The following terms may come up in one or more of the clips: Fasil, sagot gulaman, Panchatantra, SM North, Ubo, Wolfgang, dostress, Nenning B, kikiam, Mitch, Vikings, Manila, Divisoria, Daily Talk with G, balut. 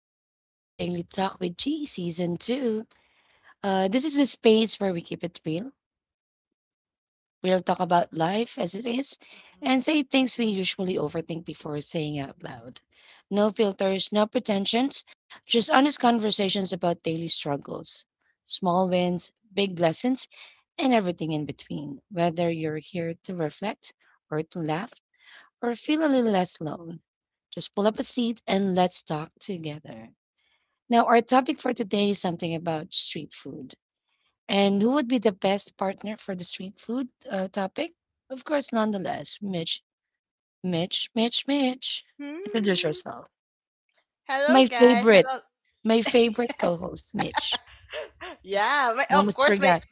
morning. Welcome to Daily Talk with G Season 2. This is a space where we keep it real. We'll talk about life as it is and say things we usually overthink before saying out loud. No filters, no pretensions, just honest conversations about daily struggles, small wins, big lessons, and everything in between. Whether you're here to reflect or to laugh or feel a little less alone, just pull up a seat and let's talk together. Now, our topic for today is something about street food. And who would be the best partner for the street food topic? Of course, nonetheless, Mitch. Introduce Hmm. yourself. Hello, My guys. favorite, Hello. my favorite co host, Mitch. Yeah, my, of Almost course, my. forgot.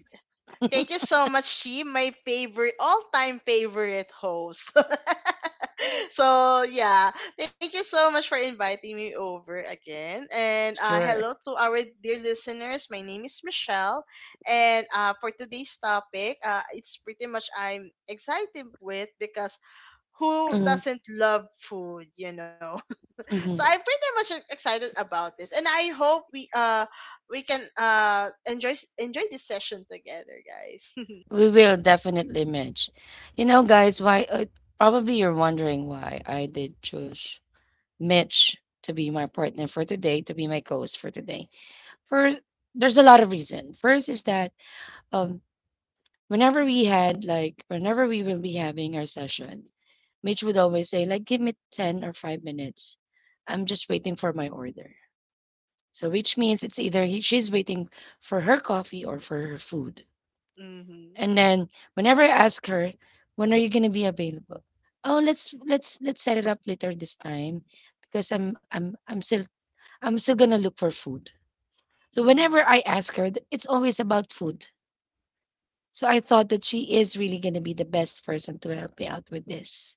Thank you so much, Chi. My favorite, all-time favorite host. So yeah, thank you so much for inviting me over again. And Sure. hello to our dear listeners. My name is Michelle, and for today's topic, it's pretty much I'm excited with because who Mhm, doesn't love food, you know? So I'm mhm. pretty much excited about this, and I hope we can enjoy this session together, guys. We will definitely, Mitch. You know, guys, why? Probably you're wondering why I did choose Mitch to be my partner for today, to be my co host for today. For there's a lot of reason. First is that um whenever we will be having our session, Mitch would always say like give me 10 or 5 minutes. I'm just waiting for my order. So which means it's either she's waiting for her coffee or for her food. Mm-hmm. And then whenever I ask her, when are you going to be available? Oh, let's set it up later this time because I'm still going to look for food. So Mm-hmm. whenever I ask her, it's always about food. So I thought that she is really gonna be the best person to help me out with this.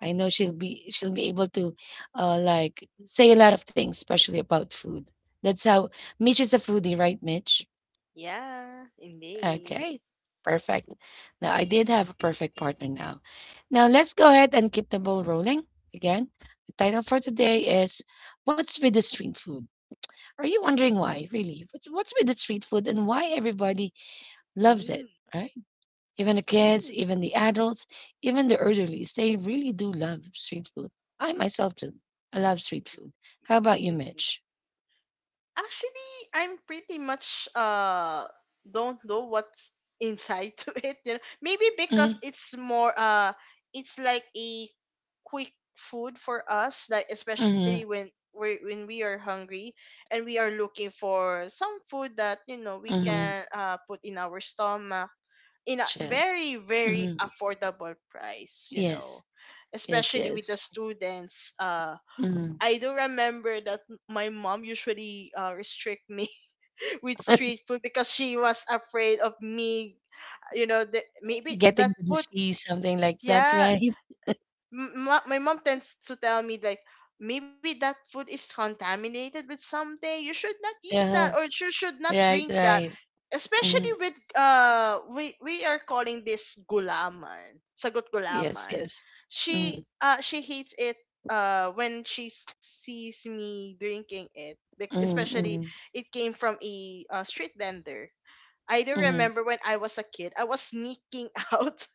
I know she'll be able to like say a lot of things, especially about food. That's how Mitch is a foodie, right, Mitch? Yeah, indeed. Okay. Perfect. Now I did have a perfect partner now. Now let's go ahead and keep the ball rolling again. The title for today is, "What's with the street food?" Are you wondering why? Really? What's with the street food and why everybody loves Mm-hmm. it, right? Even the kids, Mm-hmm. even the adults, even the elderlies, they really do love street food. I myself do. I love street food. How about you, Mitch? Actually, I'm pretty much don't know what's inside to it. You know, maybe because Mm, it's more it's like a quick food for us, like especially mm, when we are hungry and we are looking for some food that we mm, can put in our stomach in a shit. very very Mm, affordable price you yes, know yes, Especially with yes. the students, Mm. I do remember that my mom usually restrict me with street food because she was afraid of me. You know the, maybe that Getting to the food, sea, something like that, yeah, right? My mom tends to tell me like maybe that food is contaminated with something. You should not eat that Yeah, or you should not right, drink that, right. especially Mm, with we are calling this gulaman, sagot yes, gulaman. yes. she Mm, uh she hates it when she sees me drinking it, especially mm, it came from a street vendor. I do mm, remember when I was a kid, I was sneaking out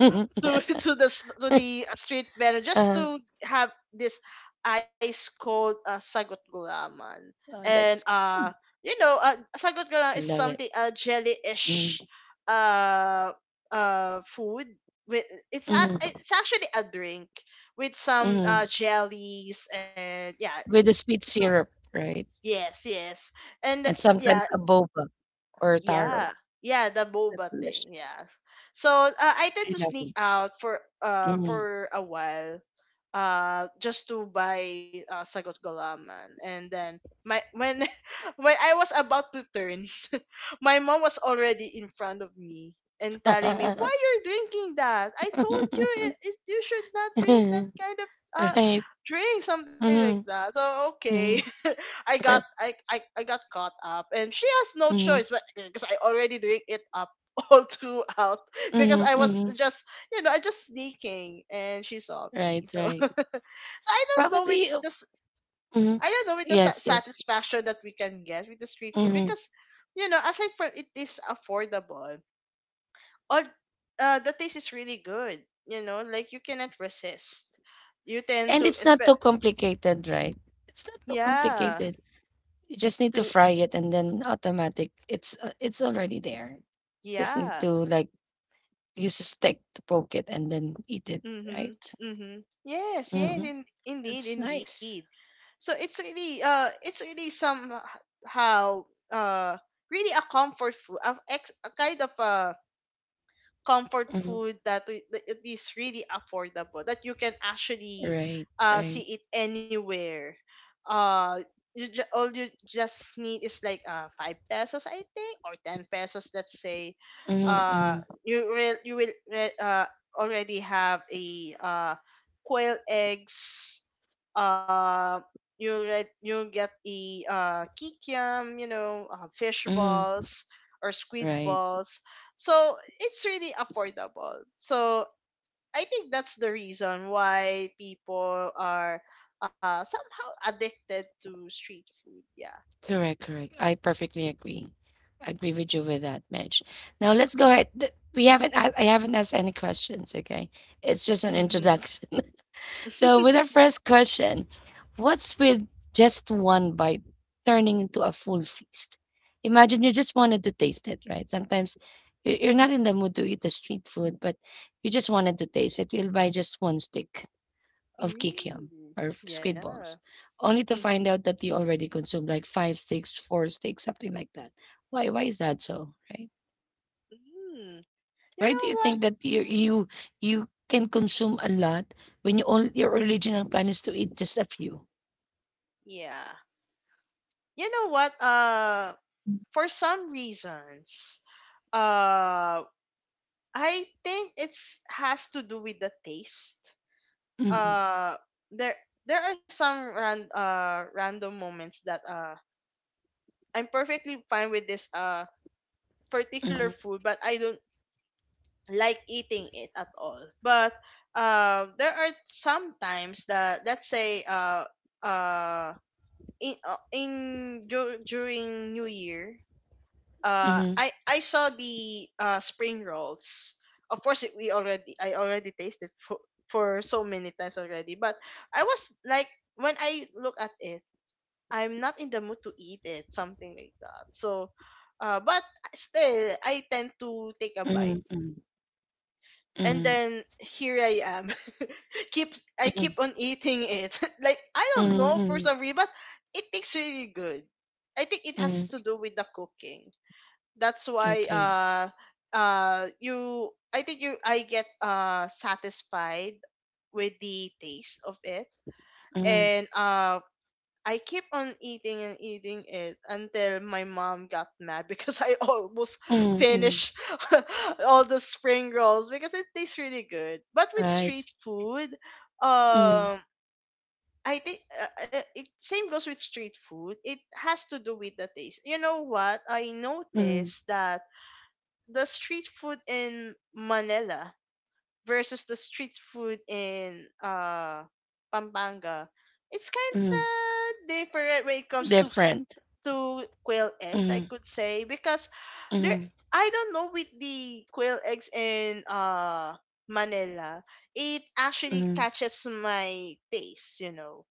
mm. to to the s- to uh, the uh, street vendor just oh, to have this ice cold sagot gulaman. And that's sagot gulaman is love it. something jelly-ish Mm, uh food with it's a, mm, it's actually a drink with some mm. Jellies, and yeah With the sweet syrup, right? Yes, yes, and And yeah, sometimes a boba or a yeah. taro. Yeah, the That's boba thing. delicious. Yeah. So, I tend I to love sneak it. out for Mhm. A while, just to buy sagot gulaman, and then my when when I was about to turn, my mom was already in front of me, and telling me, why you're drinking that? I told you, you should not drink that kind of uh Right. drink, something like Mhm, that. So okay, mhm, I got caught up, and she has no mhm, choice, but because I already drink it up all throughout, because mhm, I was mhm. just, you know, I just sneaking, and she saw me. Right, So right. I don't know with Probably, this. I mhm. don't know with the Yes, yes. satisfaction that we can get with the street food, Mhm. because you know, aside from it is affordable, all the taste is really good. You know, like you cannot resist. You tend And to it's not expect, too complicated, right? It's not too yeah, complicated. You just need to to, fry it and then automatic. It's already there. Just need yeah. to like use a stick to poke it and then eat it, right? Mm-hmm, mm-hmm. Yes, yes, Hmm. Indeed, That's indeed. nice. So it's really somehow, uh really a comfort food, of ex a kind of a comfort Mhm. food that that it is really affordable, that you can actually Right. Right. see it anywhere. uh you ju- all you just need is like 5 pesos, I think, or 10 pesos, let's say, Mhm, uh mhm, you will already have a quail eggs. uh you get a kikiam, you know, fish mhm. balls or squid Right. balls. So it's really affordable. So I think that's the reason why people are somehow addicted to street food. Yeah. Correct. Correct. I perfectly agree. I agree with you with that, Mitch. Now let's go ahead. Th- We haven't. A- I haven't asked any questions. Okay. It's just an Mm-hmm. introduction. So with our first question, what's with just one bite turning into a full feast? Imagine you just wanted to taste it, right? Sometimes you're not in the mood to eat the street food, but you just wanted to taste it. You'll buy just one stick of kikiam Mm. or squid Yeah. balls, only to Mm-hmm. find out that you already consumed like five sticks, four sticks, something like that. Why? Why is that so? Right? Mm. You Why do know you what? think that you can consume a lot when you all your original plan is to eat just a few? Yeah. You know what? For some reasons, uh, I think it's has to do with the taste. Mhm, Uh, there there are some random moments that. I'm perfectly fine with this particular mhm, food, but I don't like eating it at all. But there are some times that let's say, uh in, during New Year, mhm, I saw the spring rolls. Of course, it- we already I already tasted for so many times already, but I was like when I look at it, I'm not in the mood to eat it, something like that. So, but still, I tend to take a bite. mhm, mhm, And mhm, then here I am, keeps I keep on eating it. Like I don't mhm, know, for mhm, some reason, but it tastes really good. I think it has mhm. to do with the cooking. That's why, Okay. You I think you I get satisfied with the taste of it, Mhm, and I keep on eating and eating it until my mom got mad because I almost mhm, mhm. finished all the spring rolls because it tastes really good. But with Right. street food, Mhm, um, I think, it same goes with street food. It has to do with the taste. You know what? I mhm, noticed that the street food in Manila versus the street food in Pampanga, it's kind mhm. of different when it comes to Different. to quail eggs, I Mhm, could say, because there, mhm, I don't know with the quail eggs in Manila, it actually mhm, catches my taste, you know.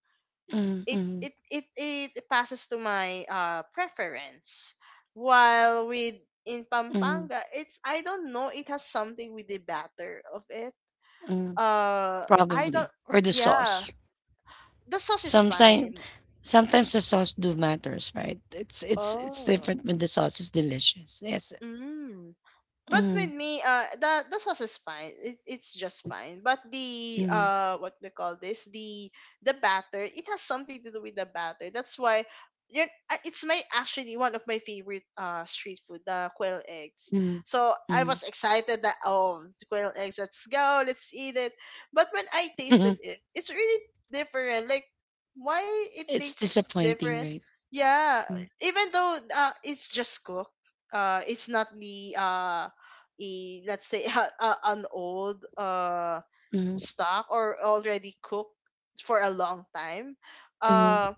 mhm, It mhm, it it it passes to my preference. While with in mhm. Pampanga, it's, I don't know, it has something with the batter of it, Mm, I probably, don't. or the Yeah, sauce. the sauce is Sometimes, fine. sometimes the sauce do matters, right? It's Oh, different when the sauce is delicious. Yes. mm, but with Mm, me, the, sauce is fine, it's just fine, but the mm, what we call this, the batter, it has something to do with the batter. That's why you it's my actually one of my favorite street food, the quail eggs. mm, So I mm, was excited that, oh, quail eggs, let's go, let's eat it. But when I tasted mm. it, it's really different, like why it It's tastes disappointing, different. right? Yeah, Mm, even though it's just cooked, it's not the a let's say an old mm, stock, or already cooked for a long time. mm, uh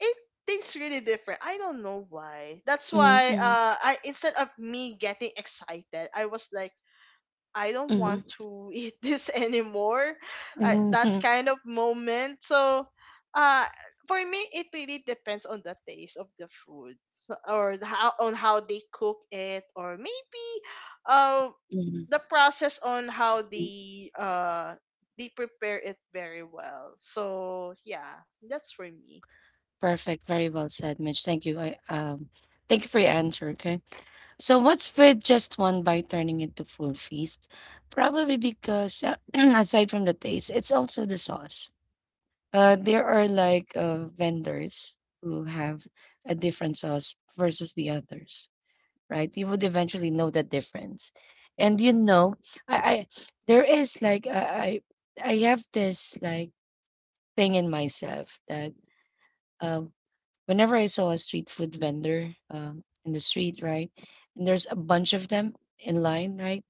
it tastes really different. I don't know why. That's mm, why, mm, I, instead of me getting excited, I was like, I mm, don't want mm, to eat this anymore, mm, that mm, kind of moment. So, uh for me, it really depends on the taste of the food, so, or the how on how they cook it, or maybe, um mm. the process on how they prepare it very well. So yeah, that's for me. Perfect. Very well said, Mitch. Thank you. I Thank you for your answer. Okay. So, what's with just one bite turning into full feast? Probably because aside from the taste, it's also the sauce. There are like vendors who have a different sauce versus the others, right? You would eventually know the difference, and you know, I there is like I have this like thing in myself that um, whenever I saw a street food vendor in the street, right, and there's a bunch of them in line, right?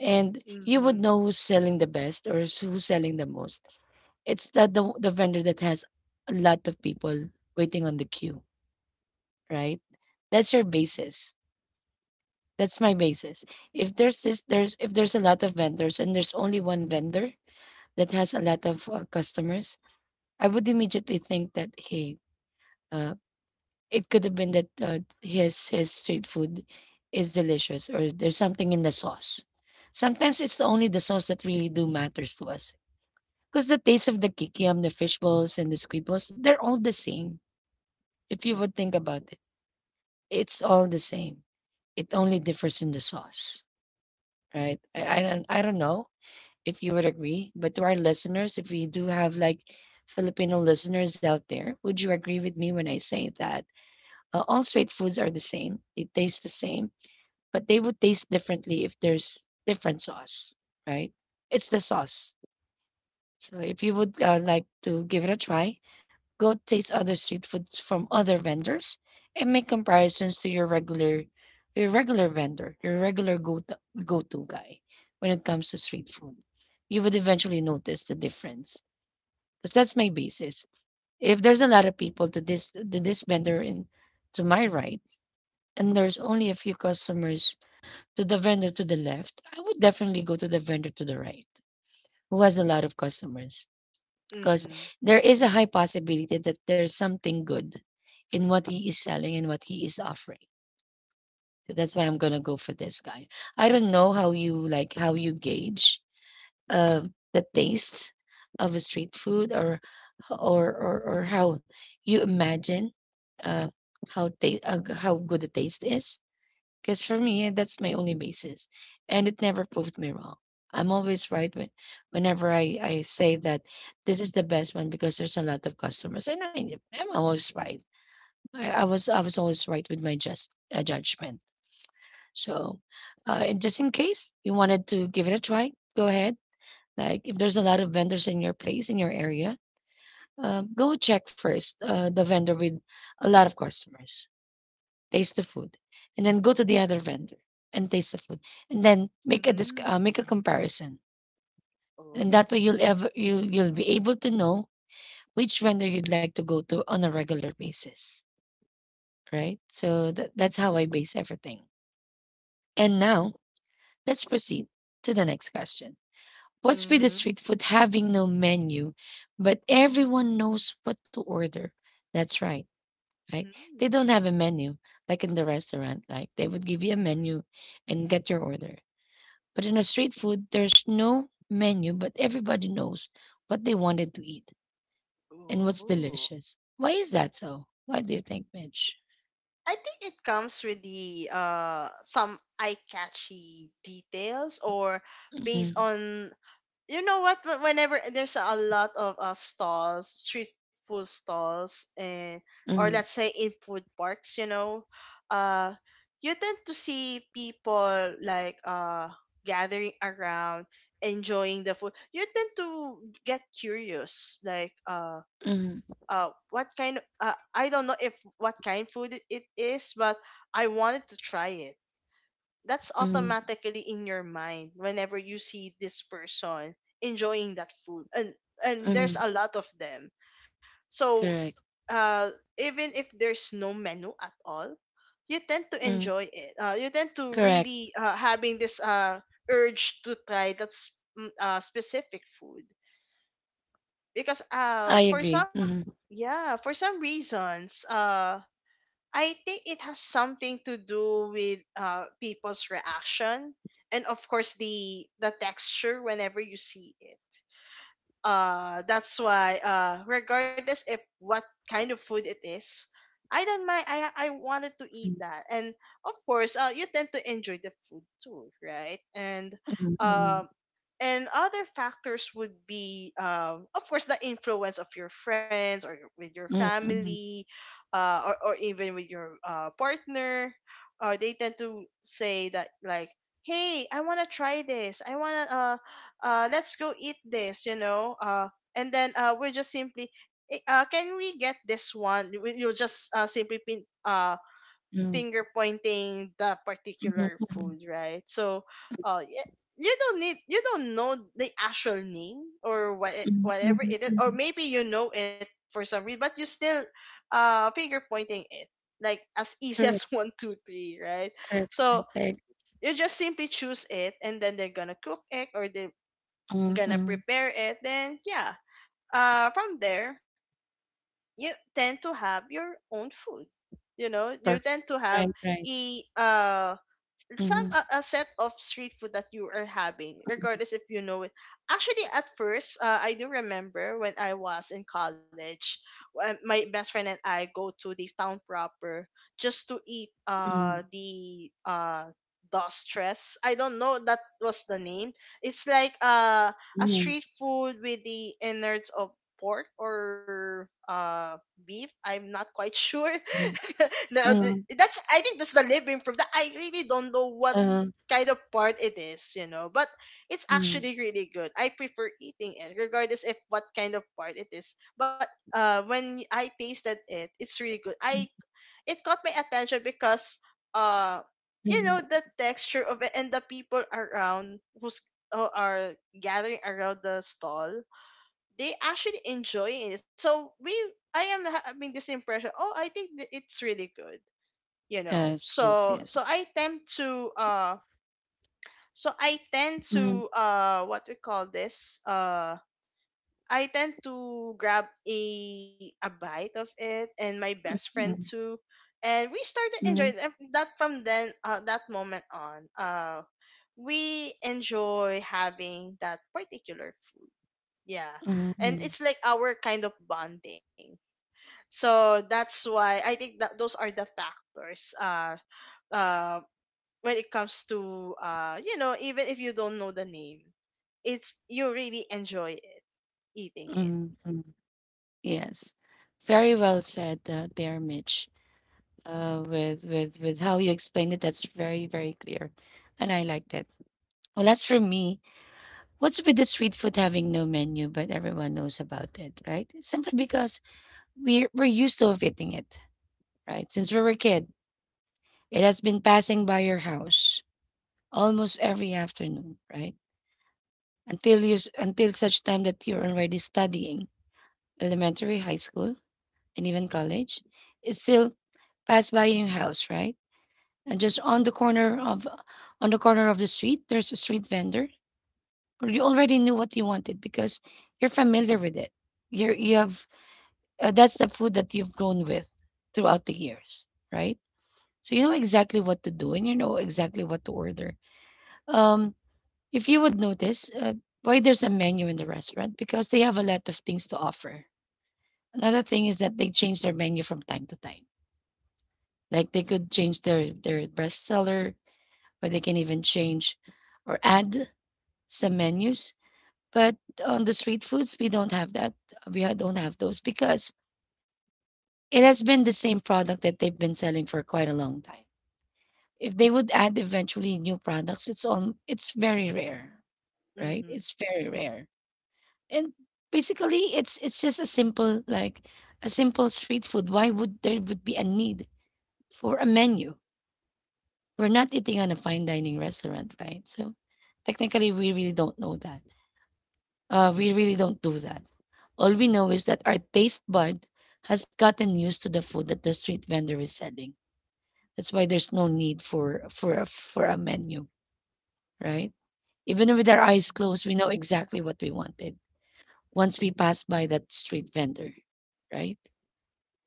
And you Mm-hmm. would know who's selling the best or who's selling the most. It's that the vendor that has a lot of people waiting on the queue, right? That's your basis. That's my basis. If there's this, there's if there's a lot of vendors and there's only one vendor that has a lot of customers, I would immediately think that hey, uh, it could have been that his street food is delicious or there's something in the sauce. Sometimes it's the only the sauce that really do matters to us. 'Cause the taste of the kikiam, the fish balls, and the squid balls, they're all the same. If you would think about it, it's all the same. It only differs in the sauce, right? I don't know if you would agree, but to our listeners, if we do have like Filipino listeners out there, would you agree with me when I say that all street foods are the same? They taste the same, but they would taste differently if there's different sauce, right? It's the sauce. So if you would like to give it a try, go taste other street foods from other vendors and make comparisons to your regular vendor, your regular go to go-to guy when it comes to street food. You would eventually notice the difference because that's my basis. If there's a lot of people to this vendor in to my right and there's only a few customers to the vendor to the left, I would definitely go to the vendor to the right who has a lot of customers because Mm-hmm. there is a high possibility that there's something good in what he is selling and what he is offering. So that's why I'm gonna go for this guy. I don't know how you like how you gauge uh, the taste of a street food or how you imagine uh, how good the taste is. Because for me, that's my only basis. And it never proved me wrong. I'm always right whenever I say that this is the best one because there's a lot of customers. And I'm always right. I was always right with my just judgment. So and just in case you wanted to give it a try, go ahead. Like if there's a lot of vendors in your place, in your area, go check first the vendor with a lot of customers, taste the food, and then go to the other vendor and taste the food, and then make a make a Mm-hmm. comparison, and Oh. that way you'll ever you'll be able to know which vendor you'd like to go to on a regular basis, right? So that's how I base everything. And now let's proceed to the next question. What's with the Mm-hmm. street food having no menu, but everyone knows what to order? That's right, right? Mm-hmm. They don't have a menu like in the restaurant. Like they would give you a menu and get your order. But in a street food, there's no menu, but everybody knows what they wanted to eat and what's Oh. delicious. Why is that so? Why do you think, Mitch? I think it comes with the some eye catchy details, or based Mm-hmm. on, you know what, whenever there's a lot of stalls street food stalls, and or Mm-hmm. let's say in food parks, you know, uh you tend to see people like, gathering around, enjoying the food, you tend to get curious like, Mm-hmm. What kind of, I don't know if what kind food it is, but I wanted to try it. That's Mm-hmm. automatically in your mind whenever you see this person enjoying that food, and Mm-hmm. there's a lot of them. So Correct. uh even if there's no menu at all, you tend to Mm-hmm. enjoy it, you tend to Correct. really, having this urge to try that specific food. Because I for agree. some, Mm-hmm. yeah, for some reasons, I think it has something to do with people's reaction, and of course the texture whenever you see it. That's why, regardless if what kind of food it is, I don't mind, I wanted to eat that. And of course, you tend to enjoy the food too, right? And Mm-hmm. um, other factors would be, of course the influence of your friends, or with your Mm-hmm. Mm-hmm. family, or even with your partner, they tend to say that like, hey, I want to try this, I want to let's go eat this, you know, and then, we're just simply, "Eh, can we get this one?" You'll just simply Mm-hmm. finger pointing the particular Mm-hmm, food, right? So, uh, y- you don't know the actual name, or mm-hmm, whatever mm-hmm, it is, or mm-hmm. maybe you know it for some reason, but you still finger pointing it like as easy as Correct. one, two, three, right? Correct. So Correct. Correct. you just simply choose it, and then they're gonna cook it, or they're gonna Mm-hmm. prepare it. Then yeah, from there you tend to have your own food, you know, you Perfect. tend to have Right. Right. a some Mm-hmm. A set of street food that you are having, regardless if you know it. Actually, at first, I do remember when I was in college, when my best friend and I go to the town proper just to eat Mm-hmm. The stress. I don't know that was the name. It's like a Mm-hmm. street food with the innards of pork or beef. I'm not quite sure. now the, Mm-hmm. that's I think that's the living proof that I really don't know what Uh, kind of part it is. But it's mm-hmm. actually really good. I prefer eating it, regardless if what kind of part it is. But when I tasted it, it's really good. I It caught my attention because uh, you Mm-hmm. know the texture of it and the people around who are gathering around the stall, they actually enjoy it. I am having this impression. Oh, I think it's really good. You know, Yes, yes, so so yes. I tend to so I tend Mhm, to what we call this I tend to grab a bite of it, and my best friend mhm, too, and we started enjoying it. mhm, And that from then that moment on, we enjoy having that particular food. Yeah, mhm, and mhm, it's like our kind of bonding. So that's why I think that those are the factors. Uh, when it comes to, you know, even if you don't know the name, it's you really enjoy it eating it. mhm, mhm. Yes. Very well said, there, Mitch. With how you explained it, that's very, very clear. And I liked it. Well, as for me, what's with the street food having no menu, but everyone knows about it, right? Simply because we're used to of eating it, right? Since we were a kid, it has been passing by your house almost every afternoon, right? Until such time that you're already studying elementary, high school, and even college, is still pass by your house, right? And just on the corner of the street, there's a street vendor, or you already knew what you wanted because you're familiar with it. You have that's the food that you've grown with throughout the years, right? So you know exactly what to do and you know exactly what to order. Um, if you would notice, why there's a menu in the restaurant because they have a lot of things to offer. Another thing is that they change their menu from time to time. Like they could change their best seller, or they can even change or add some menus. But on the street foods, we don't have that. We don't have those because it has been the same product that they've been selling for quite a long time. If they would add eventually new products, it's very rare, right? Mhm. It's very rare. And basically it's just a simple street food. Why would there would be a need for a menu? We're not eating on a fine dining restaurant, right? So, technically, we really don't know that. We really don't do that. All we know is that our taste bud has gotten used to the food that the street vendor is selling. That's why there's no need for a menu, right? Even with our eyes Mm-hmm. closed, we know exactly what we wanted once we pass by that street vendor, right?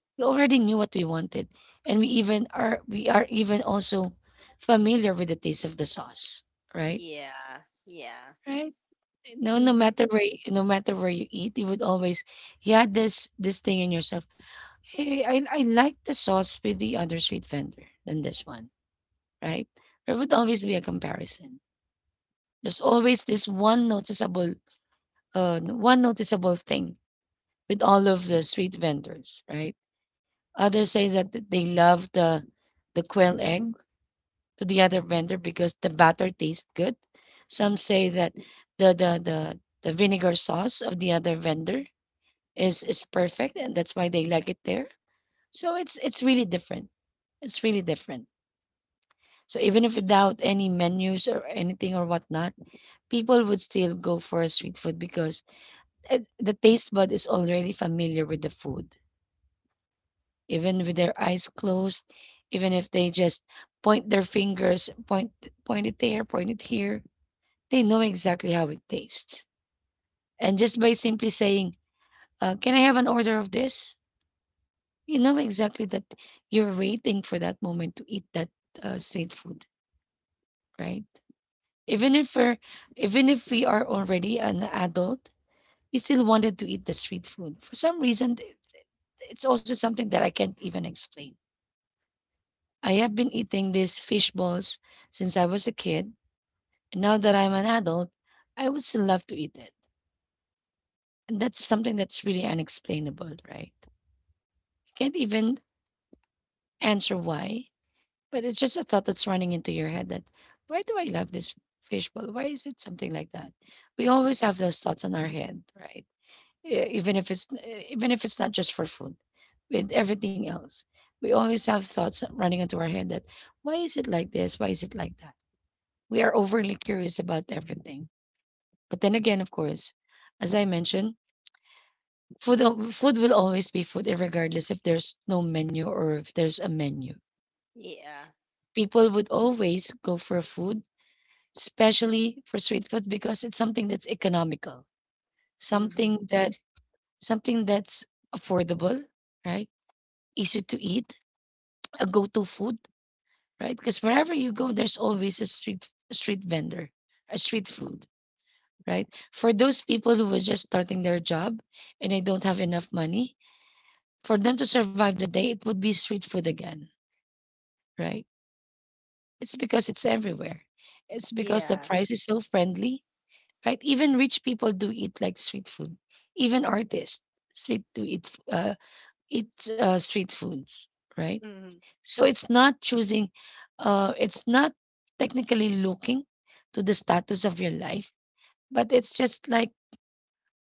We already knew what we wanted, and we are even also familiar with the taste of the sauce, right? Yeah. Yeah. No, no Hmm. matter where y- no matter where you eat, you would always you had this thing in yourself. Hey, I like the sauce with the other street vendor than this one, right? There would always be a comparison. There's always this one noticeable thing with all of the street vendors, right? Others say that they love the quail egg to the other vendor because the batter tastes good. Some say that the the the the vinegar sauce of the other vendor is perfect, and that's why they like it there. So it's really different. It's really different. So even if without any menus or anything or whatnot, people would still go for street food because the taste bud is already familiar with the food. Even with their eyes closed, even if they just point their fingers, point it there, point it here, they know exactly how it tastes. And just by simply saying, "Can I have an order of this?" You know exactly that you're waiting for that moment to eat that street food, right? Even if we're, even if we are already an adult, we still wanted to eat the street food. For some reason, it's also something that I can't even explain. I have been eating these fish balls since I was a kid, and now that I'm an adult, I would still love to eat it. And that's something that's really unexplainable, right? I can't even answer why. But it's just a thought that's running into your head that, why do I love this fishbowl? Why is it something like that? We always have those thoughts on our head, right? Even if it's not just for food, with everything else, we always have thoughts running into our head that, why is it like this? Why is it like that? We are overly curious about everything. But then again, of course, as I mentioned, food will always be food, regardless if there's no menu or if there's a menu. Yeah. People would always go for food, especially for street food because it's something that's economical, something Hmm. that something that's affordable, right? Easy to eat, a go-to food, right? Because wherever you go, there's always a street vendor, a street food, right? For those people who were just starting their job and they don't have enough money, for them to survive the day, it would be street food again, right? It's because it's everywhere. It's because the Yeah. price is so friendly, right? Even rich people do eat like street food. Even artists street do eat street foods, right? Hmm. So it's not choosing. It's not technically looking to the status of your life, but it's just like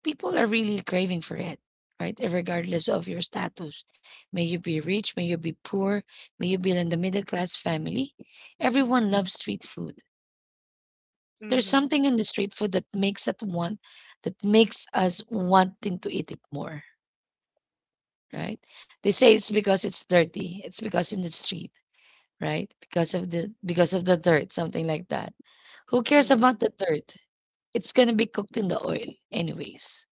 people are really craving for it, right? Regardless of your status, may you be rich, may you be poor, may you be in the middle class family. Everyone loves street food. There's Hmm. something in the street food that makes us wanting to eat it more, right? They say it's because it's dirty. It's because in the street, right? Because of the dirt, something like that. Who cares Hmm. about the dirt? It's gonna be cooked in the oil anyways,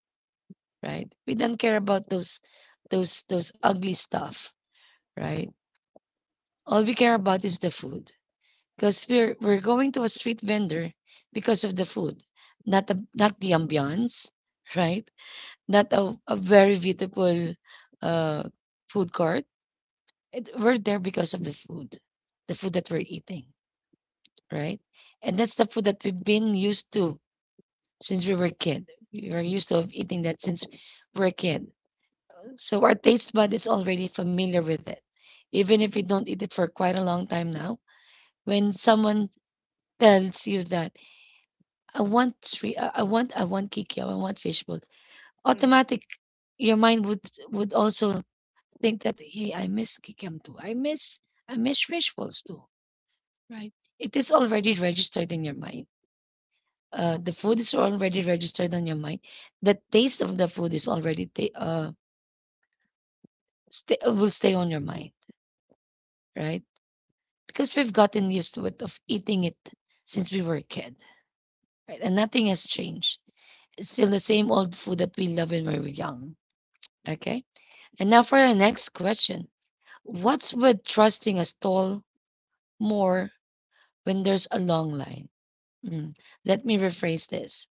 right? We don't care about those ugly stuff, right? All we care about is the food. Because we're going to a street vendor because of the food, not the ambiance, right? Not a very beautiful uh food court. We're there because of the food that we're eating, right? And that's the food that we've been used to since we were a kid. We were used to of eating that since we're a kid. So our taste bud is already familiar with it. Even if we don't eat it for quite a long time now, when someone tells you that I want kikiam, I want fishbowl, Hmm. automatic your mind would also think that hey, I miss kikiam too. I miss fish balls too, right? It is already registered in your mind. The food is already registered on your mind. The taste of the food is already ta- stay will stay on your mind, right? Because we've gotten used to it of eating it since we were a kid, right? And nothing has changed. It's still the same old food that we love when we were young. Okay. And now for our next question. What's with trusting a stall more when there's a long line? Mm, Let me rephrase this.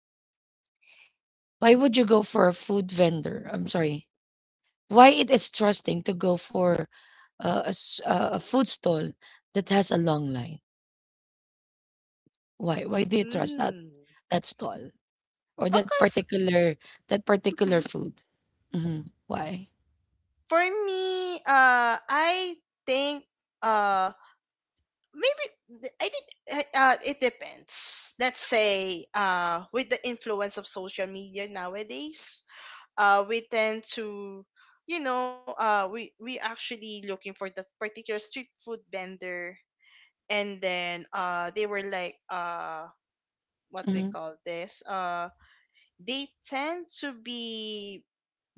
Why would you go for a food vendor? I'm sorry. Why it is trusting to go for a food stall that has a long line? Why? Why do you trust that Mm. that stall or that Because, particular that particular mhm, food? Hmm. Why? for me, I think, uh, maybe I did. It depends. Let's say, with the influence of social media nowadays, we tend to, you know, we actually looking for that particular street food vendor, and then they were like what we Mm-hmm. call this they tend to be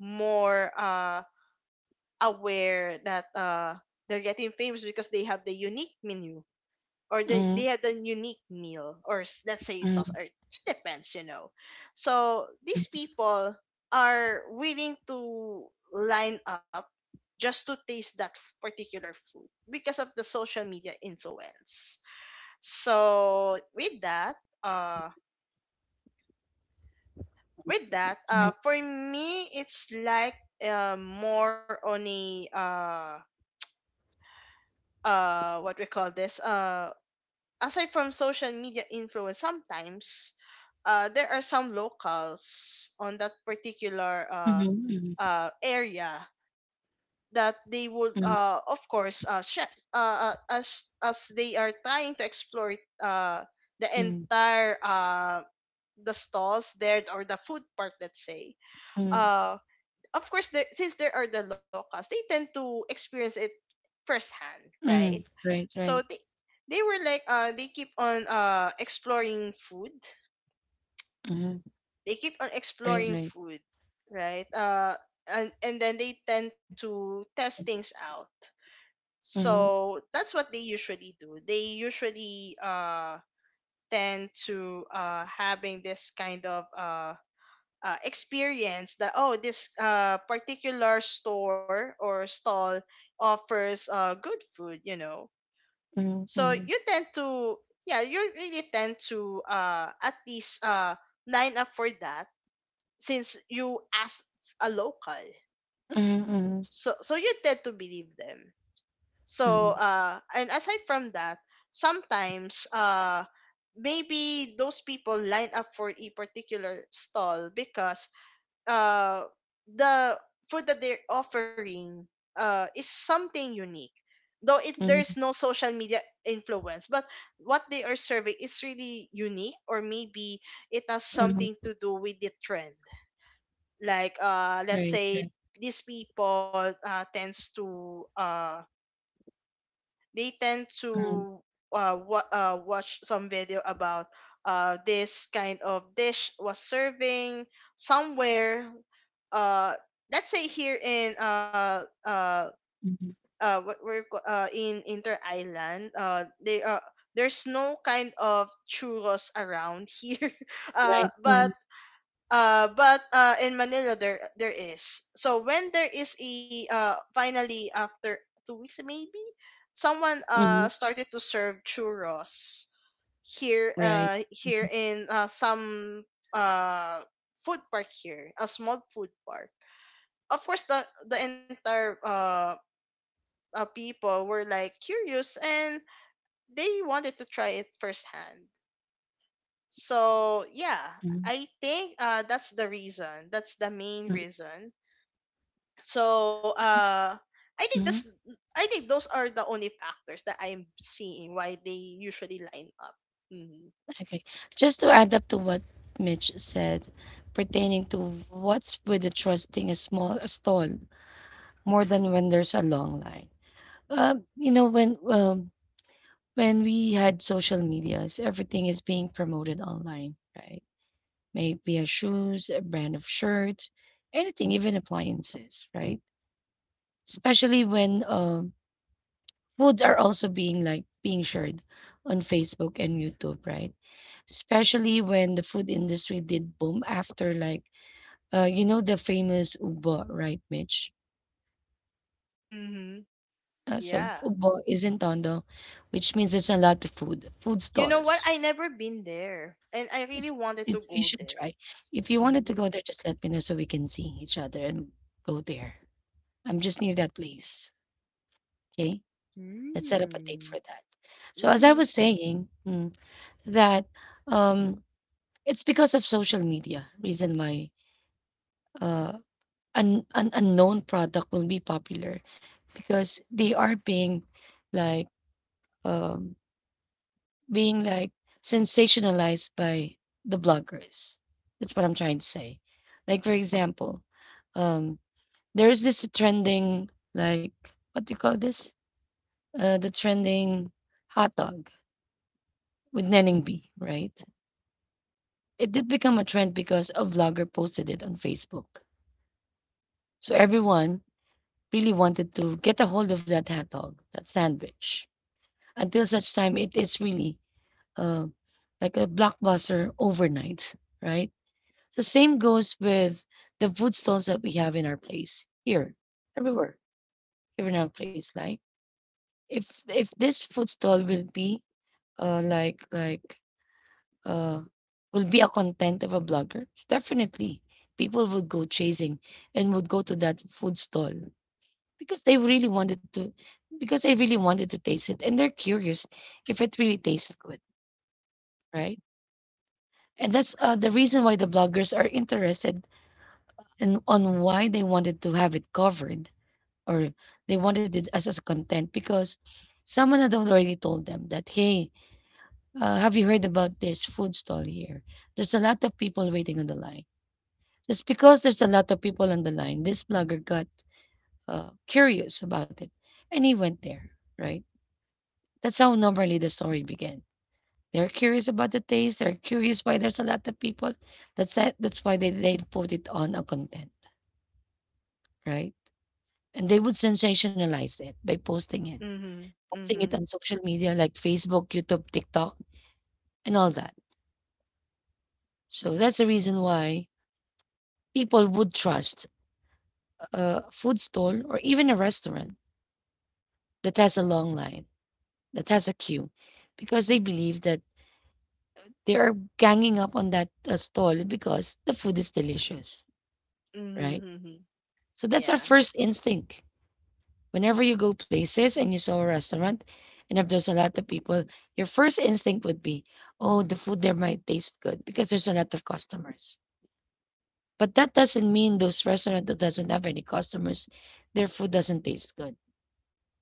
more aware that they're getting famous because they have the unique menu or Mm-hmm. they had a unique meal or let's say sauce Mm-hmm. or it depends, you know. So these people are willing to line up just to taste that particular food because of the social media influence. So with uh that, for me it's like, more on a what we call this aside from social media influence. Sometimes there are some locals on that particular, Hmm. Area that they would, of course, as they are trying to explore, uh, the Hmm. entire, the stalls there or the food park, let's say. Hmm. Uh, of course, there, since there are the locals, they tend to experience it firsthand, right? Hmm. Right. So Right. they were like they keep on exploring food, Hmm. they keep on Right. exploring Right. food, right. And then they tend to test things out. Mm-hmm. So that's what they usually do, they usually tend to having this kind of experience that, oh, this particular store or stall offers, good food, you know. So Mm-hmm. you tend to, yeah, you really tend to, at least, line up for that since you asked a local. Mm-hmm. So so you tend to believe them. So Hmm. And aside from that, sometimes maybe those people line up for a particular stall because uh the food that they're offering is something unique. Though it there's no social media influence, but what they are serving is really unique, or maybe it has Hmm. something to do with the trend. Like let's Right. say Right. these people tends to they tend Mm-hmm. to watch some video about this kind of dish was serving somewhere, uh let's say here in Mhm. In inter island, they there's no kind of churros around here. uh Right. but Mhm. But In Manila there there is. So when there is a finally after 2 weeks maybe, someone Mhm. started to serve churros here Right. Here Mhm. in, some uh food park here, a small food park. Of course, the entire, people were like curious and they wanted to try it firsthand. So yeah, Mhm. I think that's the reason. That's the main Mm, reason. So I think that's, mhm. I think those are the only factors that I am seeing why they usually line up. Hmm. Okay. Just to add up to what Mitch said, pertaining to what's with the trusting a stall more than when there's a long line. Uh, you know, when um, when we had social medias, everything is being promoted online, right? Maybe a shoes, a brand of shirt, anything, even appliances, right? Especially when, foods are also being being shared on Facebook and YouTube, right? Especially when the food industry did boom after like the famous Ubo, right, Mitch? Mm-hmm. So Yeah. Ubo is in Tondo, which means it's a lot of food You know what? stalls. I never been there, and I really It's wanted it, to you go should there. try. If you wanted to Mm-hmm. go there, just let me know so we can see each other and go there. I'm just near that place. Okay, let's set up a date Mm. for that. So as I Mm-hmm. was saying, that um it's because of social media, reason why uh, an unknown product will be popular because they are being like um, being like sensationalized by the bloggers. That's what I'm trying to say. Like for example, um, there is this trending like what do you call this? The trending hot dog with Nenning B, right? It did become a trend because a vlogger posted it on Facebook. So everyone really wanted to get a hold of that hot dog, that sandwich. Until such time, it is really uh, like a blockbuster overnight, right? The same goes with the food stalls that we have in our place here, everywhere, here in our place. Like if this food stall will be like uh will be a content of a blogger, definitely people would go chasing and would go to that food stall because they really wanted to because I really wanted to taste it and they're curious if it really tastes good, right? And that's the reason why the bloggers are interested and on why they wanted to have it covered or they wanted it as a content because someone had already told them that hey, have you heard about this food stall here? There's a lot of people waiting on the line. Just because there's a lot of people on the line, this blogger got curious about it and he went there, right? That's how normally the story began. They're curious about the taste. They're curious why there's a lot of people. That's it. That's why they put it on a content, right? And they would sensationalize it by posting it Mm-hmm. on social media like Facebook, YouTube, TikTok, and all that. So that's the reason why people would trust a food stall or even a restaurant that has a long line, that has a queue, because they believe that they are ganging up on that stall because the food is delicious, right? Mm-hmm. Mm-hmm. So that's our Yeah. first instinct. Whenever you go places and you saw a restaurant, and if there's a lot of people, your first instinct would be, oh, the food there might taste good because there's a lot of customers. But that doesn't mean those restaurant that doesn't have any customers, their food doesn't taste good,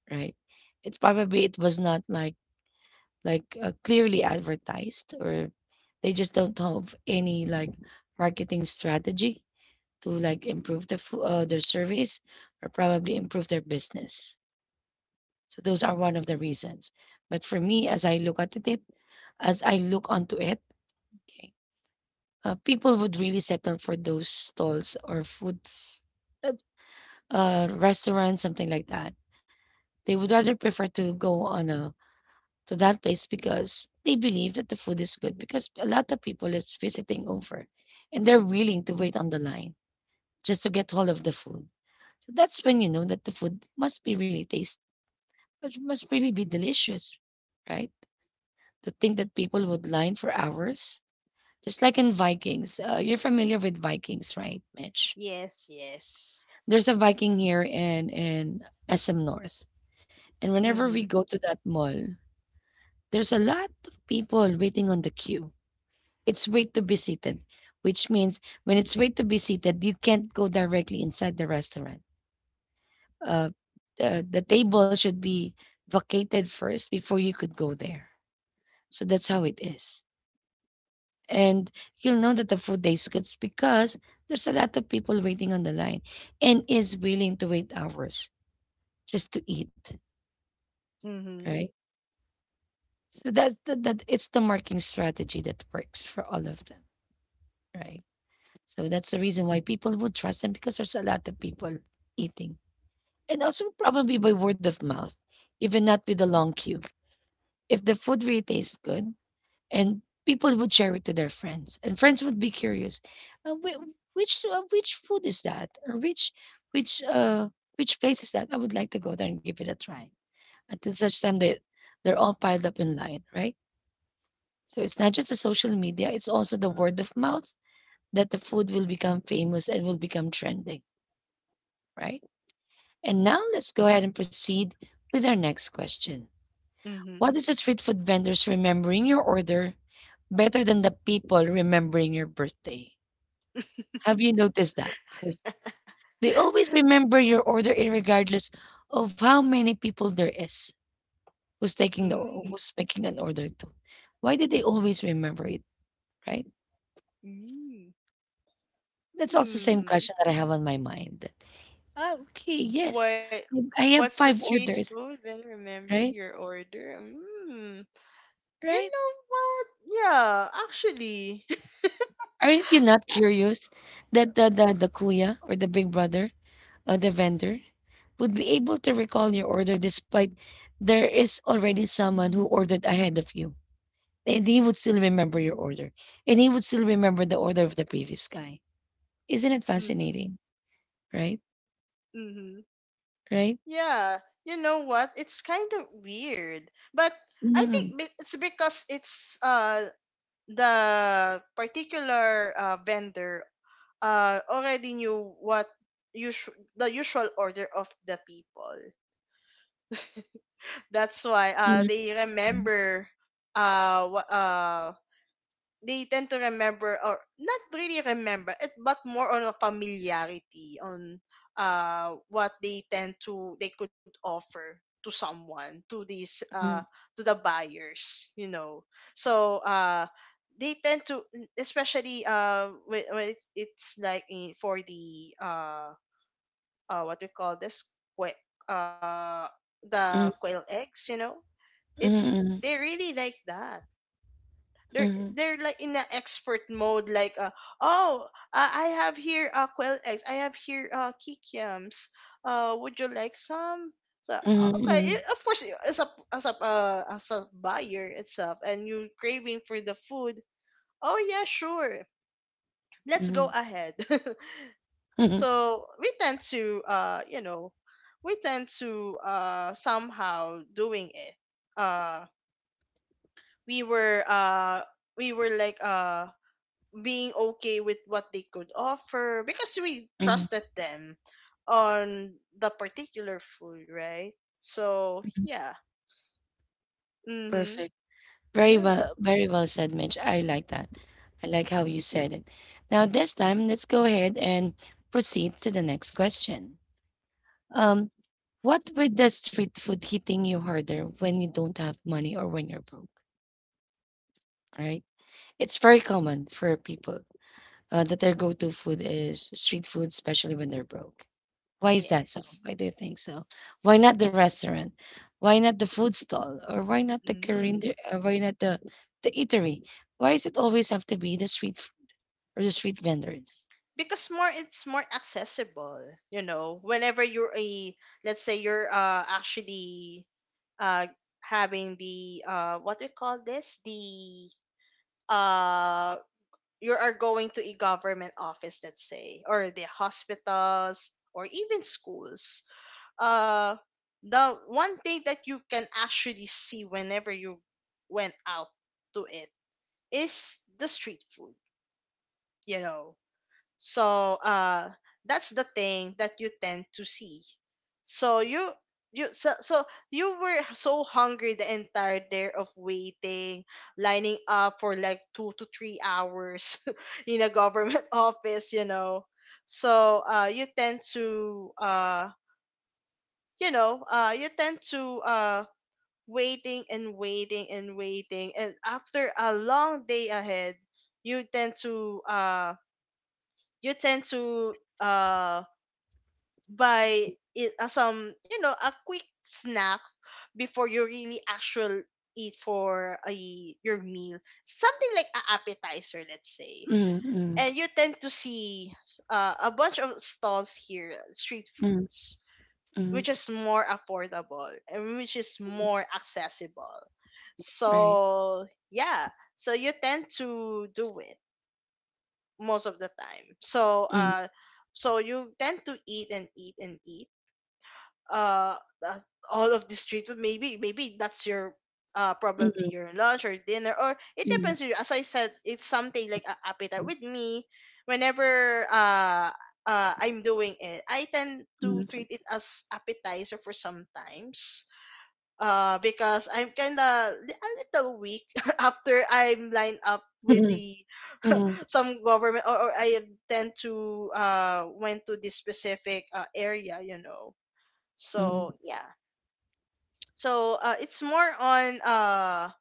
right? It's probably it was not like clearly advertised, or they just don't have any like marketing strategy to like improve the their service or probably improve their business. So those are one of the reasons. But for me, as I look at it, as I look onto it, okay, people would really settle for those stalls or foods, uh, restaurants, something like that. They would rather prefer to go on a to that place because they believe that the food is good because a lot of people is visiting over, and they're willing to wait on the line just to get hold of the food. So that's when you know that the food must be really tasty. Must really be delicious, right? To think that people would line for hours, just like in Vikings. You're familiar with Vikings, right, Mitch? Yes. Yes. There's a Viking here in SM North, and whenever Mm-hmm. we go to that mall, there's a lot of people waiting on the queue. It's wait to be seated, which means when it's wait to be seated, you can't go directly inside the restaurant. Uh, the table should be vacated first before you could go there. So that's how it is. And you'll know that the food tastes good because there's a lot of people waiting on the line and is willing to wait hours just to eat, Mm-hmm. right? So that's the, that it's the marketing strategy that works for all of them, right? So that's the reason why people would trust them because there's a lot of people eating. And also probably by word of mouth, even not with a long queue. If the food really tastes good, and people would share it to their friends and friends would be curious uh, whi- which food is that, or which which uh which place is that? I would like to go there and give it a try until such time that they're all piled up in line, right? So it's not just the social media, it's also the word of mouth that the food will become famous and will become trending, right? And now let's go ahead and proceed with our next question. Mm-hmm. What is the street food vendors remembering your order better than the people remembering your birthday? Have you noticed that? They always remember your order in regardless of how many people there is who's taking the or Mm-hmm. who's making an order to. Why did they always remember it, right? Mm. That's also same Mm. question that I have on my mind. Ah, okay, yes. What I what's have the five street orders, food when remembering right? your order? Mm. You Right? know what? Yeah, actually. Aren't you not curious that the kuya or the big brother or the vendor would be able to recall your order despite there is already someone who ordered ahead of you? And he would still remember your order. And he would still remember the order of the previous guy. Isn't it Mhm. fascinating? Right? Mhm. Right? Yeah, you know what? It's kind of weird. But I Mm-hmm. think it's because it's the particular vendor already knew what the usual order of the people. That's why Mm-hmm. they Mm-hmm. remember what they tend to remember, or not really remember it, but more on a familiarity on what they tend to they could offer to someone, to these Mm-hmm. to the buyers, you know. So they tend to, especially when it's like in, for the what we call this que- uh the mm quail eggs, you know, it's mm they really like that. mm they're mm they're like in an expert mode like, oh, I have here quail eggs, I have here kikiams, would you like some. So okay, of course, as a as a, as a buyer itself, and you craving for the food, oh yeah sure, let's mm, go ahead. mm, So we tend to, you know, we tend to somehow doing it. uh we were uh we were like, being okay with what they could offer because we mm, trusted them on the particular food, right? So mm. yeah, mm-hmm. Perfect. Very Yeah, well, very well said, Mitch. I like that. I like how you said it. Now, this time, let's go ahead and proceed to the next question. Um, what with the street food hitting you harder when you don't have money or when you're broke, right? It's very common for people, that their go-to food is street food, especially when they're broke. Why is that so? yes, Why do you think so? Why not the restaurant? Why not the food stall? Or why not the Korean, mm-hmm. Why not the, the eatery? Why does it always have to be the street or the street vendors? Because more, it's more accessible. You know, whenever you're a, let's say you're actually uh having the what do you call this the uh you are going to a government office, let's say, or the hospitals or even schools, uh, the one thing that you can actually see whenever you went out to it is the street food. You know, so that's the thing that you tend to see. So you so, so you were so hungry the entire day of waiting, lining up for like 2 to 3 hours in a government office, you know. So you know, you tend to waiting and waiting and waiting, and after a long day ahead you tend to, you tend to um by it some, you know, a quick snack before you really actually eat for a your meal, something like a appetizer, let's say. Mm, mm, And you tend to see, a bunch of stalls here, street mm, foods, mm, which is more affordable and which is mm, more accessible. right. So yeah, so you tend to do it most of the time. So Mm, so you tend to eat and eat and eat, uh uh, all of the street food. Maybe, maybe that's your, probably mm, your lunch or dinner, or it mm, depends on you. As I said, it's something like a appetite with me. Whenever I'm doing it, I tend to mm, treat it as appetizer for sometimes, because I'm kind of a little weak after I'm lined up with mm, the mm, some government, or I tend to went to this specific, area, you know. mm, So yeah. So it's more on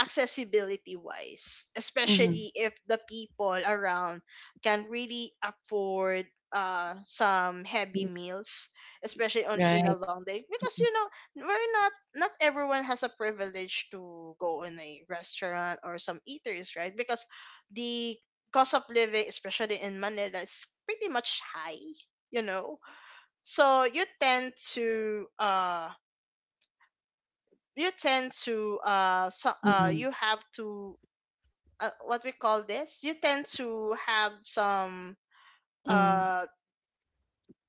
accessibility wise, mm, especially if the people around can really afford some heavy mm, meals, especially on in a right. long day. Because you know, we're not not everyone has a privilege to go in a restaurant or some eateries, right? Because the cost of living, especially in Manila, is pretty much high, you know. So you tend to, Mm-hmm. you have to, what we call this you tend to have some, uh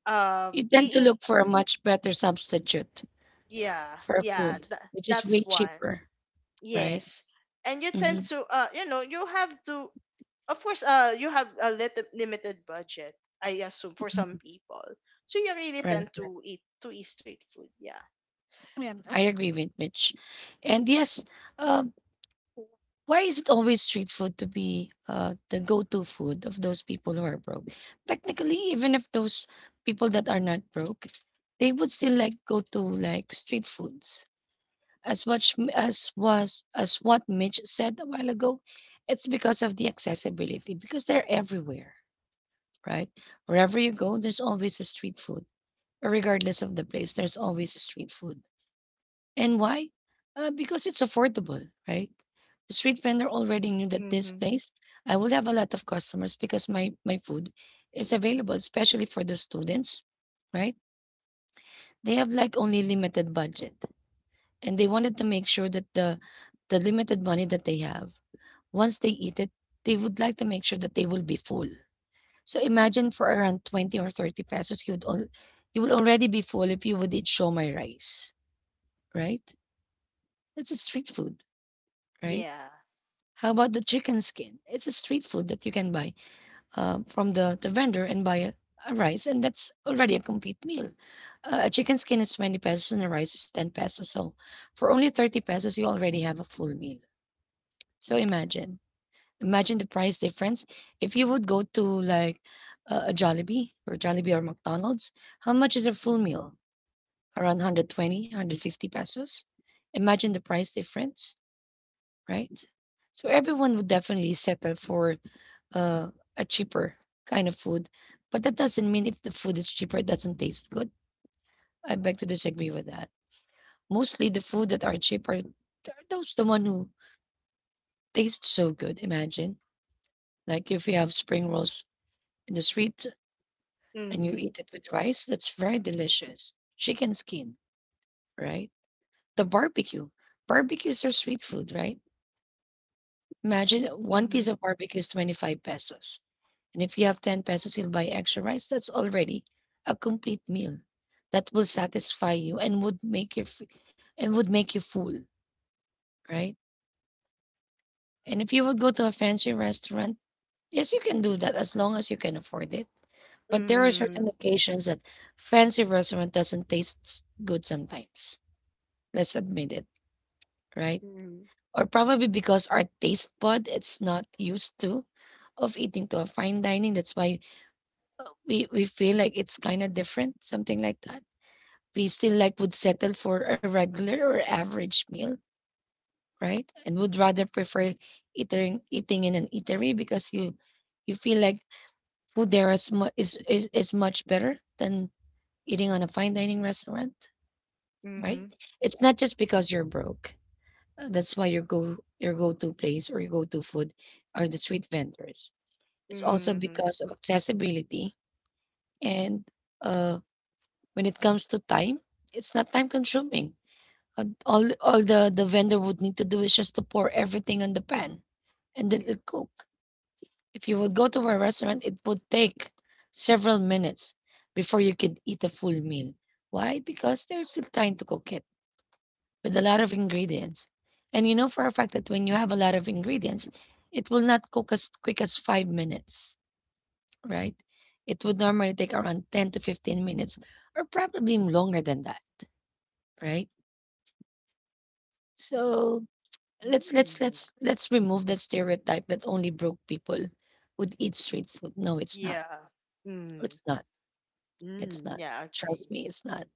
You tend to being look for a much better substitute yeah for yeah food, which is that's way one, cheaper, right? yes. And you tend hmm to, you know, you have to, of course, you have a limited budget, I assume for some people, so you really Right. tend to eat street food, yeah. Yeah. I agree with Mitch. And yes, um, why is it always street food to be the go-to food of those people who are broke? Technically, even if those people that are not broke, they would still like go to like street foods. As much as was as what Mitch said a while ago, it's because of the accessibility because they're everywhere, right? Wherever you go, there's always a street food. Regardless of the place, there's always street food. And why? Because it's affordable, right? The street vendor already knew that this Mm-hmm. place, I will have a lot of customers because my food is available, especially for the students, right? They have like only limited budget, and they wanted to make sure that the limited money that they have, once they eat it, they would like to make sure that they will be full. So imagine for around 20 or 30 pesos, you would already be full if you would eat shomai rice, right? It's a street food, right? Yeah. How about the chicken skin? It's a street food that you can buy from the vendor and buy a rice, and that's already a complete meal. A chicken skin is 20 pesos and a rice is 10 pesos. So for only 30 pesos, you already have a full meal. So imagine, imagine the price difference. If you would go to like a Jollibee or Jollibee or McDonald's, how much is a full meal? Around 120, pesos. Imagine the price difference, right? So everyone would definitely settle for uh, a cheaper kind of food. But that doesn't mean if the food is cheaper, it doesn't taste good. I beg to disagree with that. Mostly the food that are cheaper are those the one who taste so good. Imagine, like if you have spring rolls in the street and you Mm-hmm. eat it with rice, that's very delicious. Chicken skin, right? The barbecue. Barbecues are street food, right? Imagine one piece Mm-hmm. of barbecue is 25 pesos. And if you have 10 pesos, you'll buy extra rice. That's already a complete meal that will satisfy you and would make your and would make you full, right? And if you would go to a fancy restaurant, yes, you can do that as long as you can afford it. But there are certain Mm-hmm. occasions that fancy restaurant doesn't taste good sometimes. Let's admit it, right? Or probably because our taste bud it's not used to of eating to a fine dining. That's why we feel like it's kind of different, something like that. We still like would settle for a regular or average meal, right? And would rather prefer eating in an eatery because you feel like food there is is much better than eating on a fine dining restaurant, Mm-hmm. right? It's not just because you're broke. That's why your go your go-to place or your go-to food are the street vendors. It's also Mm-hmm. because of accessibility and uh when it comes to time, it's not time consuming. All the vendor would need to do is just to pour everything on the pan and let it cook. If you would go to a restaurant, it would take several minutes before you could eat a full meal. Why? Because there's still time to cook it with a lot of ingredients. And you know for a fact that when you have a lot of ingredients, it will not cook as quick as 5 minutes, right? It would normally take around 10 to 15 minutes or probably longer than that, right? So let's let's Mm. let's let's remove that stereotype that only broke people would eat street food. No, it's not. Yeah. Mm. It's not. It's Mm. not. Yeah. I Trust agree. me, it's not.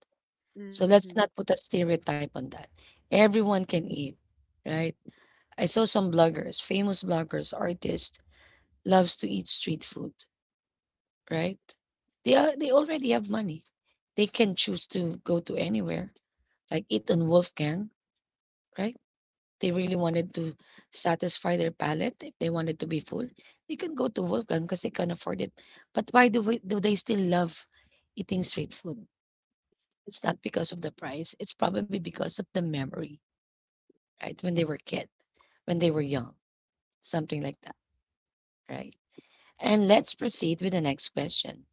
So Mm-hmm. let's not put a stereotype on that. Everyone can eat, right? I saw some bloggers, famous bloggers, artists, loves to eat street food, right? They are, they already have money. They can choose to go to anywhere, like eat on Wolfgang, right? They really wanted to satisfy their palate. If they wanted to be full, they could go to Wolfgang because they can afford it. But do they still love eating street food? It's not because of the price. It's probably because of the memory, right? When they were kid, when they were young, something like that, right? And let's proceed with the next question.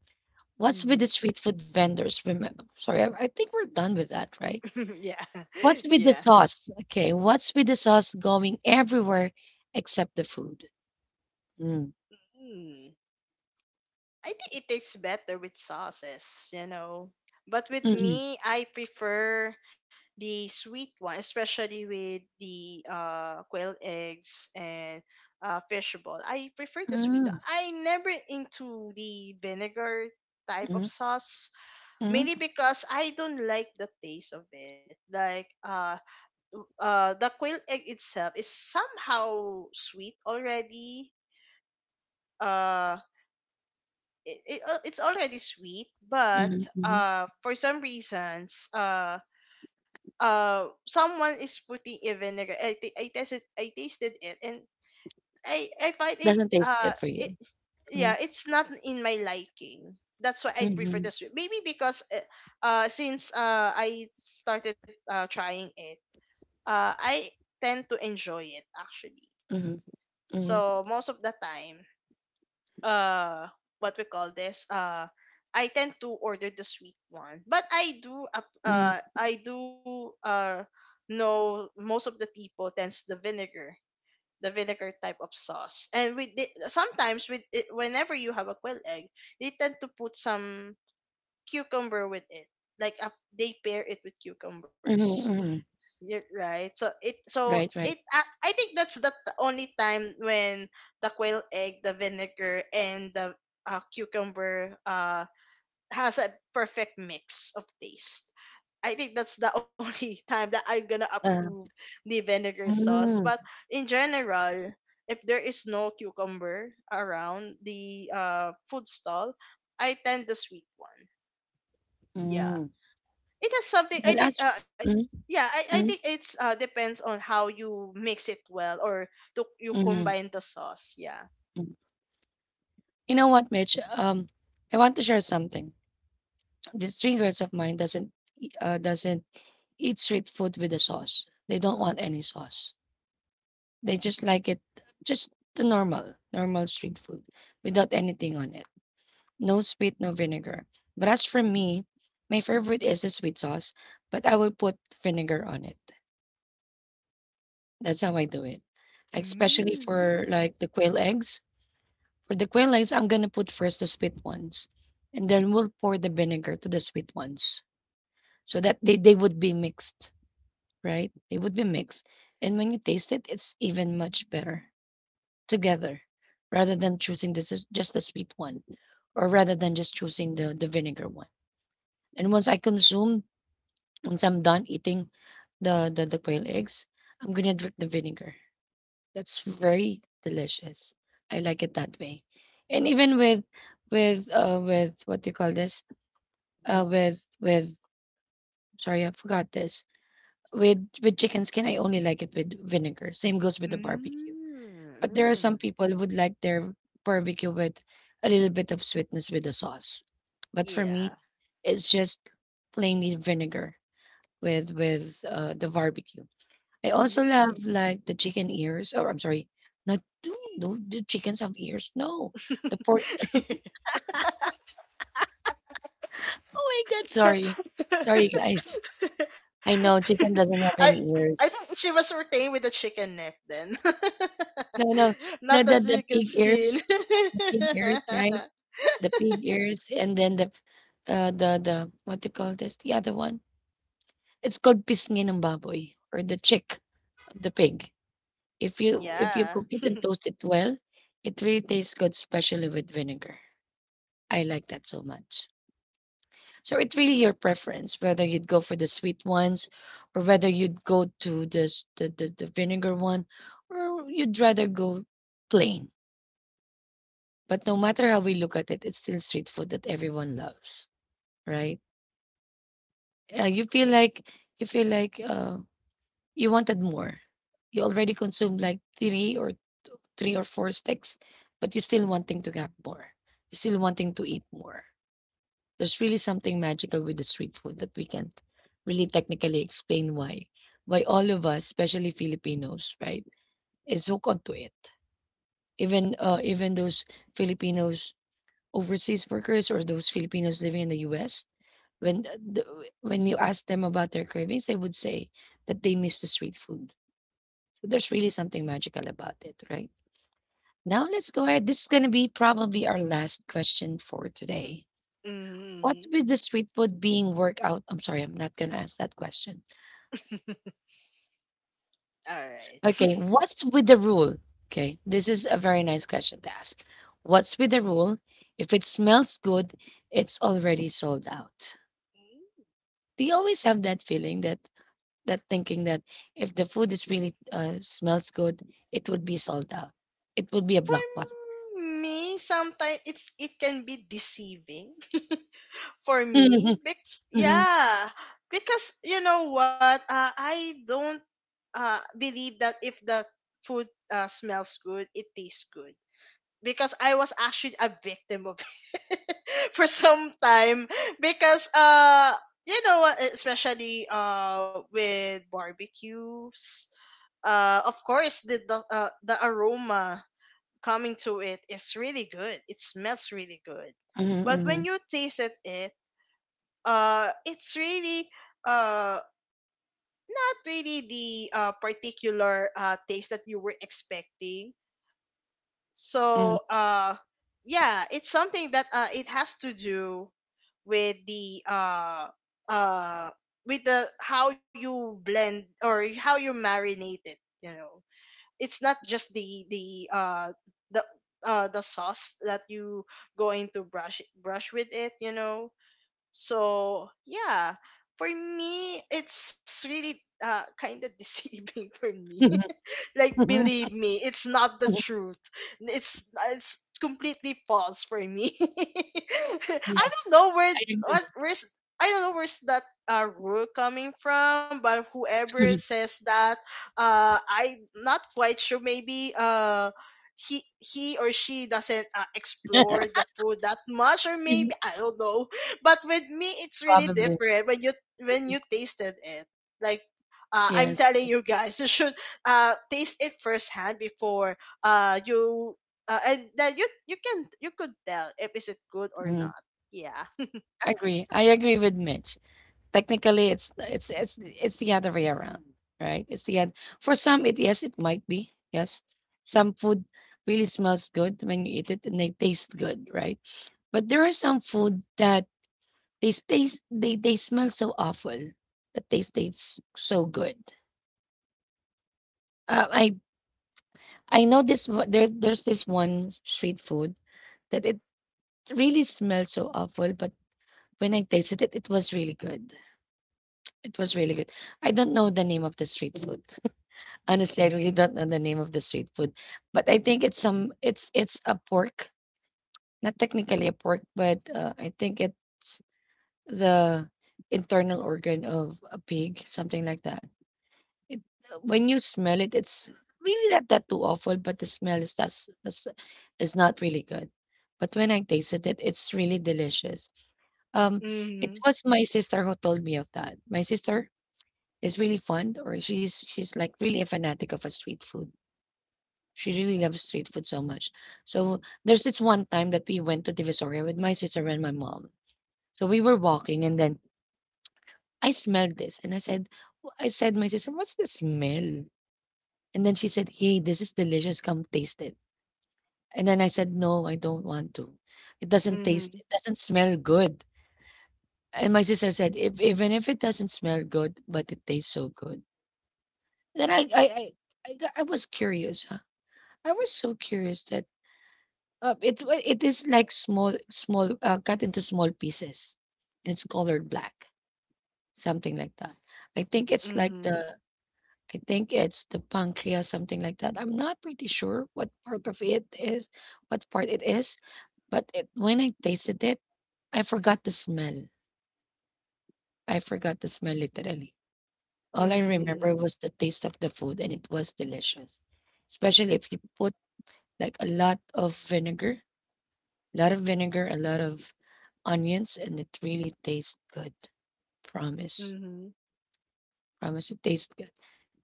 What's with the Mm-hmm. street food vendors? Remember, sorry, I think we're done with that, right? Yeah. What's with Yeah. the sauce? Okay, what's with the sauce going everywhere except the food? Mm. Mm. I think it tastes better with sauces, you know. But with Mhm. me, I prefer the sweet one, especially with the quail eggs and fish ball. I prefer the sweet one. Mm, I never into the vinegar type of mhm, sauce, mhm, mainly because I don't like the taste of it. Like, the quail egg itself is somehow sweet already. uh it's already sweet, but mhm. For some reasons, someone is putting a vinegar. I tested, I tasted it, and I find it, Doesn't taste good for you. yeah, Mm, it's not in my liking. That's why I prefer mhm, the sweet, maybe because since I started trying it, I tend to enjoy it actually. mhm, mhm, So most of the time, uh, what we call this, I tend to order the sweet one. But I do, mhm, I do, know most of the people tends the vinegar type of sauce. And with the, sometimes with it, whenever you have a quail egg, they tend to put some cucumber with it. Like a, they pair it with mhm, cucumbers. mhm. You're right. So it so Right, it right. I, I think that's the only time when the quail egg, the vinegar, and the cucumber has a perfect mix of taste. I think that's the only time that I'm gonna Uh, approve the vinegar sauce. But mm, in general, if there is no cucumber around the food stall, I tend the sweet one. Yeah. mm. It has something, I But think. as for mm, Yeah, I think mm, it's depends on how you mix it well, or to you mhm, combine the sauce. Yeah. mm. You know what, Mitch? I want to share something. These three girls of mine doesn't doesn't eat street food with the sauce. They don't want any sauce. They just like it, just the normal street food without anything on it. No sweet, no vinegar. But as for me, my favorite is the sweet sauce, but I will put vinegar on it. That's how I do it. Like, especially for Mm. like the quail eggs. For the quail eggs, I'm gonna put first the sweet ones, and then we'll pour the vinegar to the sweet ones so that they would be mixed, right? They would be mixed. And when you taste it, it's even much better together rather than choosing this is just the sweet one or rather than just choosing the vinegar one. And once I'm done eating the quail eggs, I'm gonna drink the vinegar. That's very delicious. I like it that way. And even with what do you call this? With sorry, I forgot this. With chicken skin, I only like it with vinegar. Same goes with the barbecue. Mm. But there are some Mm. people who would like their barbecue with a little bit of sweetness with the sauce. But for Yeah. me, it's just plainly vinegar with the barbecue. I also Mm. love like the chicken ears. Oh, I'm sorry. Not do do do chickens have ears? No, the pork. Oh my God! Sorry, sorry guys. I know chicken doesn't I have any I think ears. she was retained with the chicken neck then. No, no, Not the the the, the chicken pig skin. ears, the pig ears, right? The pig ears, and then the what do you call this? The other one. It's called pisngi ng baboy or the chick of the pig. If you Yeah. cook it and toast it well, it really tastes good, especially with vinegar. I like that so much. So it's really your preference whether you'd go for the sweet ones or whether you'd go to the s- the vinegar one or you'd rather go plain. But no matter how we look at it, it's still street food that everyone loves, right? Uh, you feel like you feel like you wanted more. You already consumed like three or four sticks, but you're still wanting to have more. You're still wanting to eat more. There's really something magical with the street food that we can't really technically explain why. Why all of us, especially Filipinos, right, is hooked onto it. Even even those Filipinos overseas workers or those Filipinos living in the U.S. When when you ask them about their cravings, they would say that they miss the street food. So there's really something magical about it, right? Now let's go ahead. This is gonna be probably our last question for today. What's Mm-hmm. with the street food being worked out? I'm sorry, I'm not gonna ask that question. All right. Okay, what's with the rule? Okay, this is a very nice question to ask. What's with the rule? If it smells good, it's already sold out. Do you always have that feeling that that thinking that if the food is really smells good, it would be sold out. It would be a blockbuster. For me, sometimes it can be deceiving for me. Mhm, mhm, Yeah, because you know what? I don't believe that if the food smells good, it tastes good. Because I was actually a victim of for some time, because you know what, especially with barbecues, of course the the aroma coming to it is really good. It smells really good. But when mhm, you tasted it, it's really uh not really the particular taste that you were expecting. So mhm, yeah, it's something that it has to do with the uh uh with the how you blend or how you marinate it, you know. It's not just uh the the sauce that you going to brush with it, you know. So yeah, for me, it's really, kind of deceiving for me. mhm, Like, mhm, mhm. mhm. believe me, it's not the truth. It's completely false for me. I Yes, don't know I agree. Where's, I don't know where's that rule coming from, but whoever says that, I'm not quite sure. Maybe he or she doesn't, explore the food that much, or maybe I don't know. But with me, it's really Probably. different when you, when you tasted it. Like I'm Yes. telling you guys, you should taste it firsthand before you and then you can you could tell if is it good or not. Yeah. I agree. I agree with Mitch. Technically, it's the other way around, right? It's the other for some. It yes, it might be yes. Some food really smells good when you eat it, and they taste good, right? But there are some food that they taste they smell so awful, but they taste so good. Uh, I I know this there's this one street food that it really smells so awful, but when I tasted it, it was really good. It was really good. I don't know the name of the street food. Honestly, I really don't know the name of the street food, but I think it's some it's a pork, not technically a pork, but I think it's the internal organ of a pig, something like that. It when you smell it, it's really not that too awful, but the smell is that's is not really good. But when I tasted it, it's really delicious. Um, it Hmm. was my sister who told me of that. My sister is really fond or she's like really a fanatic of a street food. She really loves street food so much. So there's this one time that we went to Divisoria with my sister and my mom. So we were walking and then I smelled this and I said, "I said my sister, what's the smell?" And then she said, "Hey, this is delicious. Come taste it." And then I said, "No, I don't want to. It doesn't taste, Hmm. it doesn't smell good." And my sister said, if even if it doesn't smell good, but it tastes so good. Then I, got- I was curious, I was so curious that it is like small small cut into small pieces, and it's colored black, something like that. I think it's like Hmm. the I think it's the pancreas, something like that. I'm not pretty sure what part of it is, what part it is, but it, when I tasted it, I forgot the smell. I forgot the smell literally. All I Hmm. remember was the taste of the food, and it was delicious, especially if you put like a lot of vinegar. A lot of vinegar, a lot of onions, and it really tastes good. Promise. Hmm. Promise it tastes good.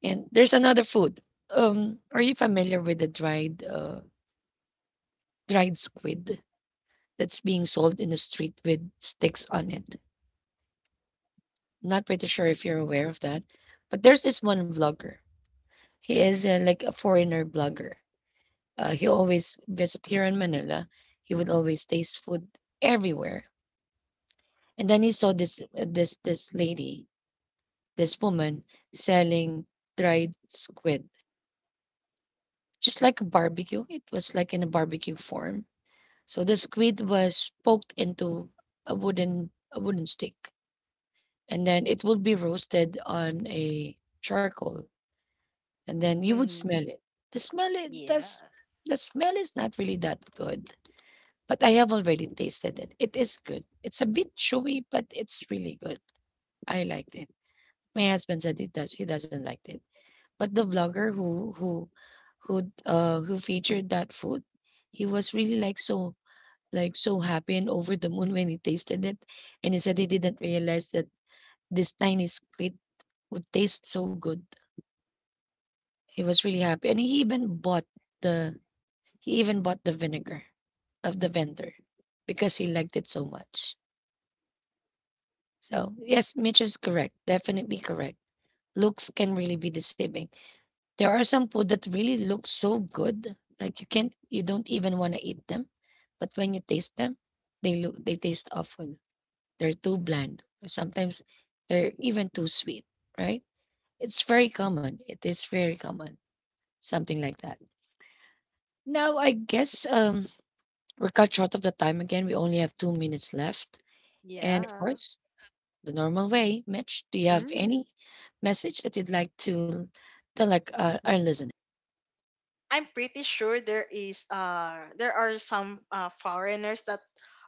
And there's another food. Are you familiar with the dried dried squid that's being sold in the street with sticks on it? Not pretty sure if you're aware of that, but there's this one vlogger. He is like a foreigner blogger. He always visit here in Manila. He would always taste food everywhere. And then he saw this this lady, this woman selling dried squid, just like a barbecue. It was like in a barbecue form. So the squid was poked into a wooden stick, and then it would be roasted on a charcoal, and then you would Hmm. smell it. The smell it does Yeah. the smell is not really that good, but I have already tasted it. It is good. It's a bit chewy, but it's really good. I liked it. My husband said it does. He doesn't like it. But the vlogger who featured that food, he was really like so happy and over the moon when he tasted it. And he said he didn't realize that this tiny squid would taste so good. He was really happy. And he even bought the he even bought the vinegar of the vendor because he liked it so much. So yes, Mitch is correct. Definitely correct. Looks can really be deceiving. There are some food that really look so good, like you don't even want to eat them, but when you taste them, they taste awful. They're too bland. Or sometimes they're even too sweet, right? It's very common. It is very common. Something like that. Now I guess we're cut short of the time again. We only have 2 minutes left. And of Yeah. course, the normal way, Mitch, do you have Mm-hmm. any message that you'd like to tell like our listeners? I'm pretty sure there is, there are some, foreigners that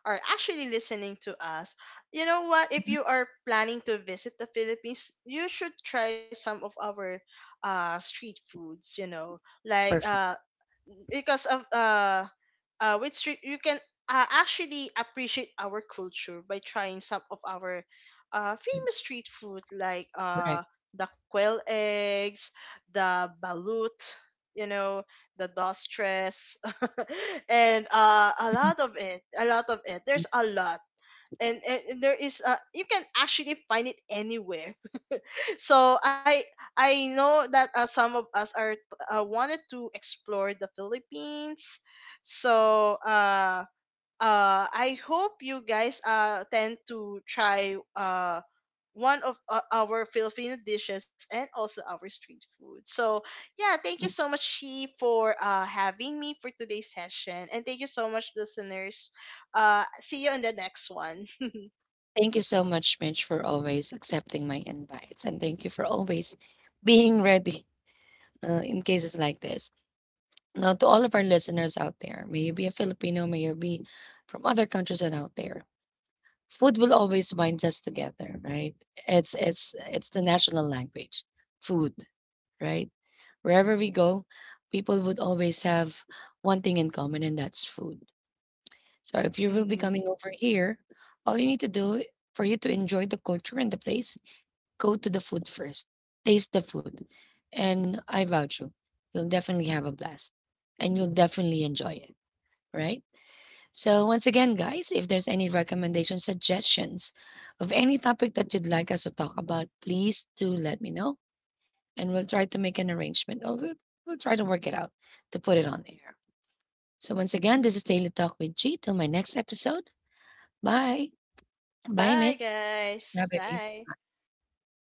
are actually listening to us. You know what? If Mhm. you are planning to visit the Philippines, you should try some of our street foods. You know, like, Perfect. Because of, with street you can, actually appreciate our culture by trying some of our Mhm. famous street food, like Correct. The quail eggs, the balut, you know, the dostress. And a lot of it, there's a lot. And there is, you can actually find it anywhere. So I know that, some of us are, wanted to explore the Philippines. So I hope you guys tend to try one of, our Filipino dishes, and also our street food. So yeah, thank you Mm, so much, She, for having me for today's session. And thank you so much, listeners. See you in the next one. Thank you so much, Mitch, for always accepting my invites. And thank you for always being ready in cases like this. Now, to all of our listeners out there, may you be a Filipino, may you be from other countries and out there, food will always bind us together, right? It's the national language, food, right? Wherever we go, people would always have one thing in common, and that's food. So if you will be coming over here, all you need to do for you to enjoy the culture and the place, go to the food first. Taste the food. And I vouch you, you'll definitely have a blast and you'll definitely enjoy it, right? So once again, guys, if there's any recommendations, suggestions of any topic that you'd like us to talk about, please do let me know and we'll try to make an arrangement. We'll try to work it out to put it on air. So once again, this is Daily Talk with G. Till my next episode. Bye. Bye, Bye, Mitch. Bye, guys. baby. Bye.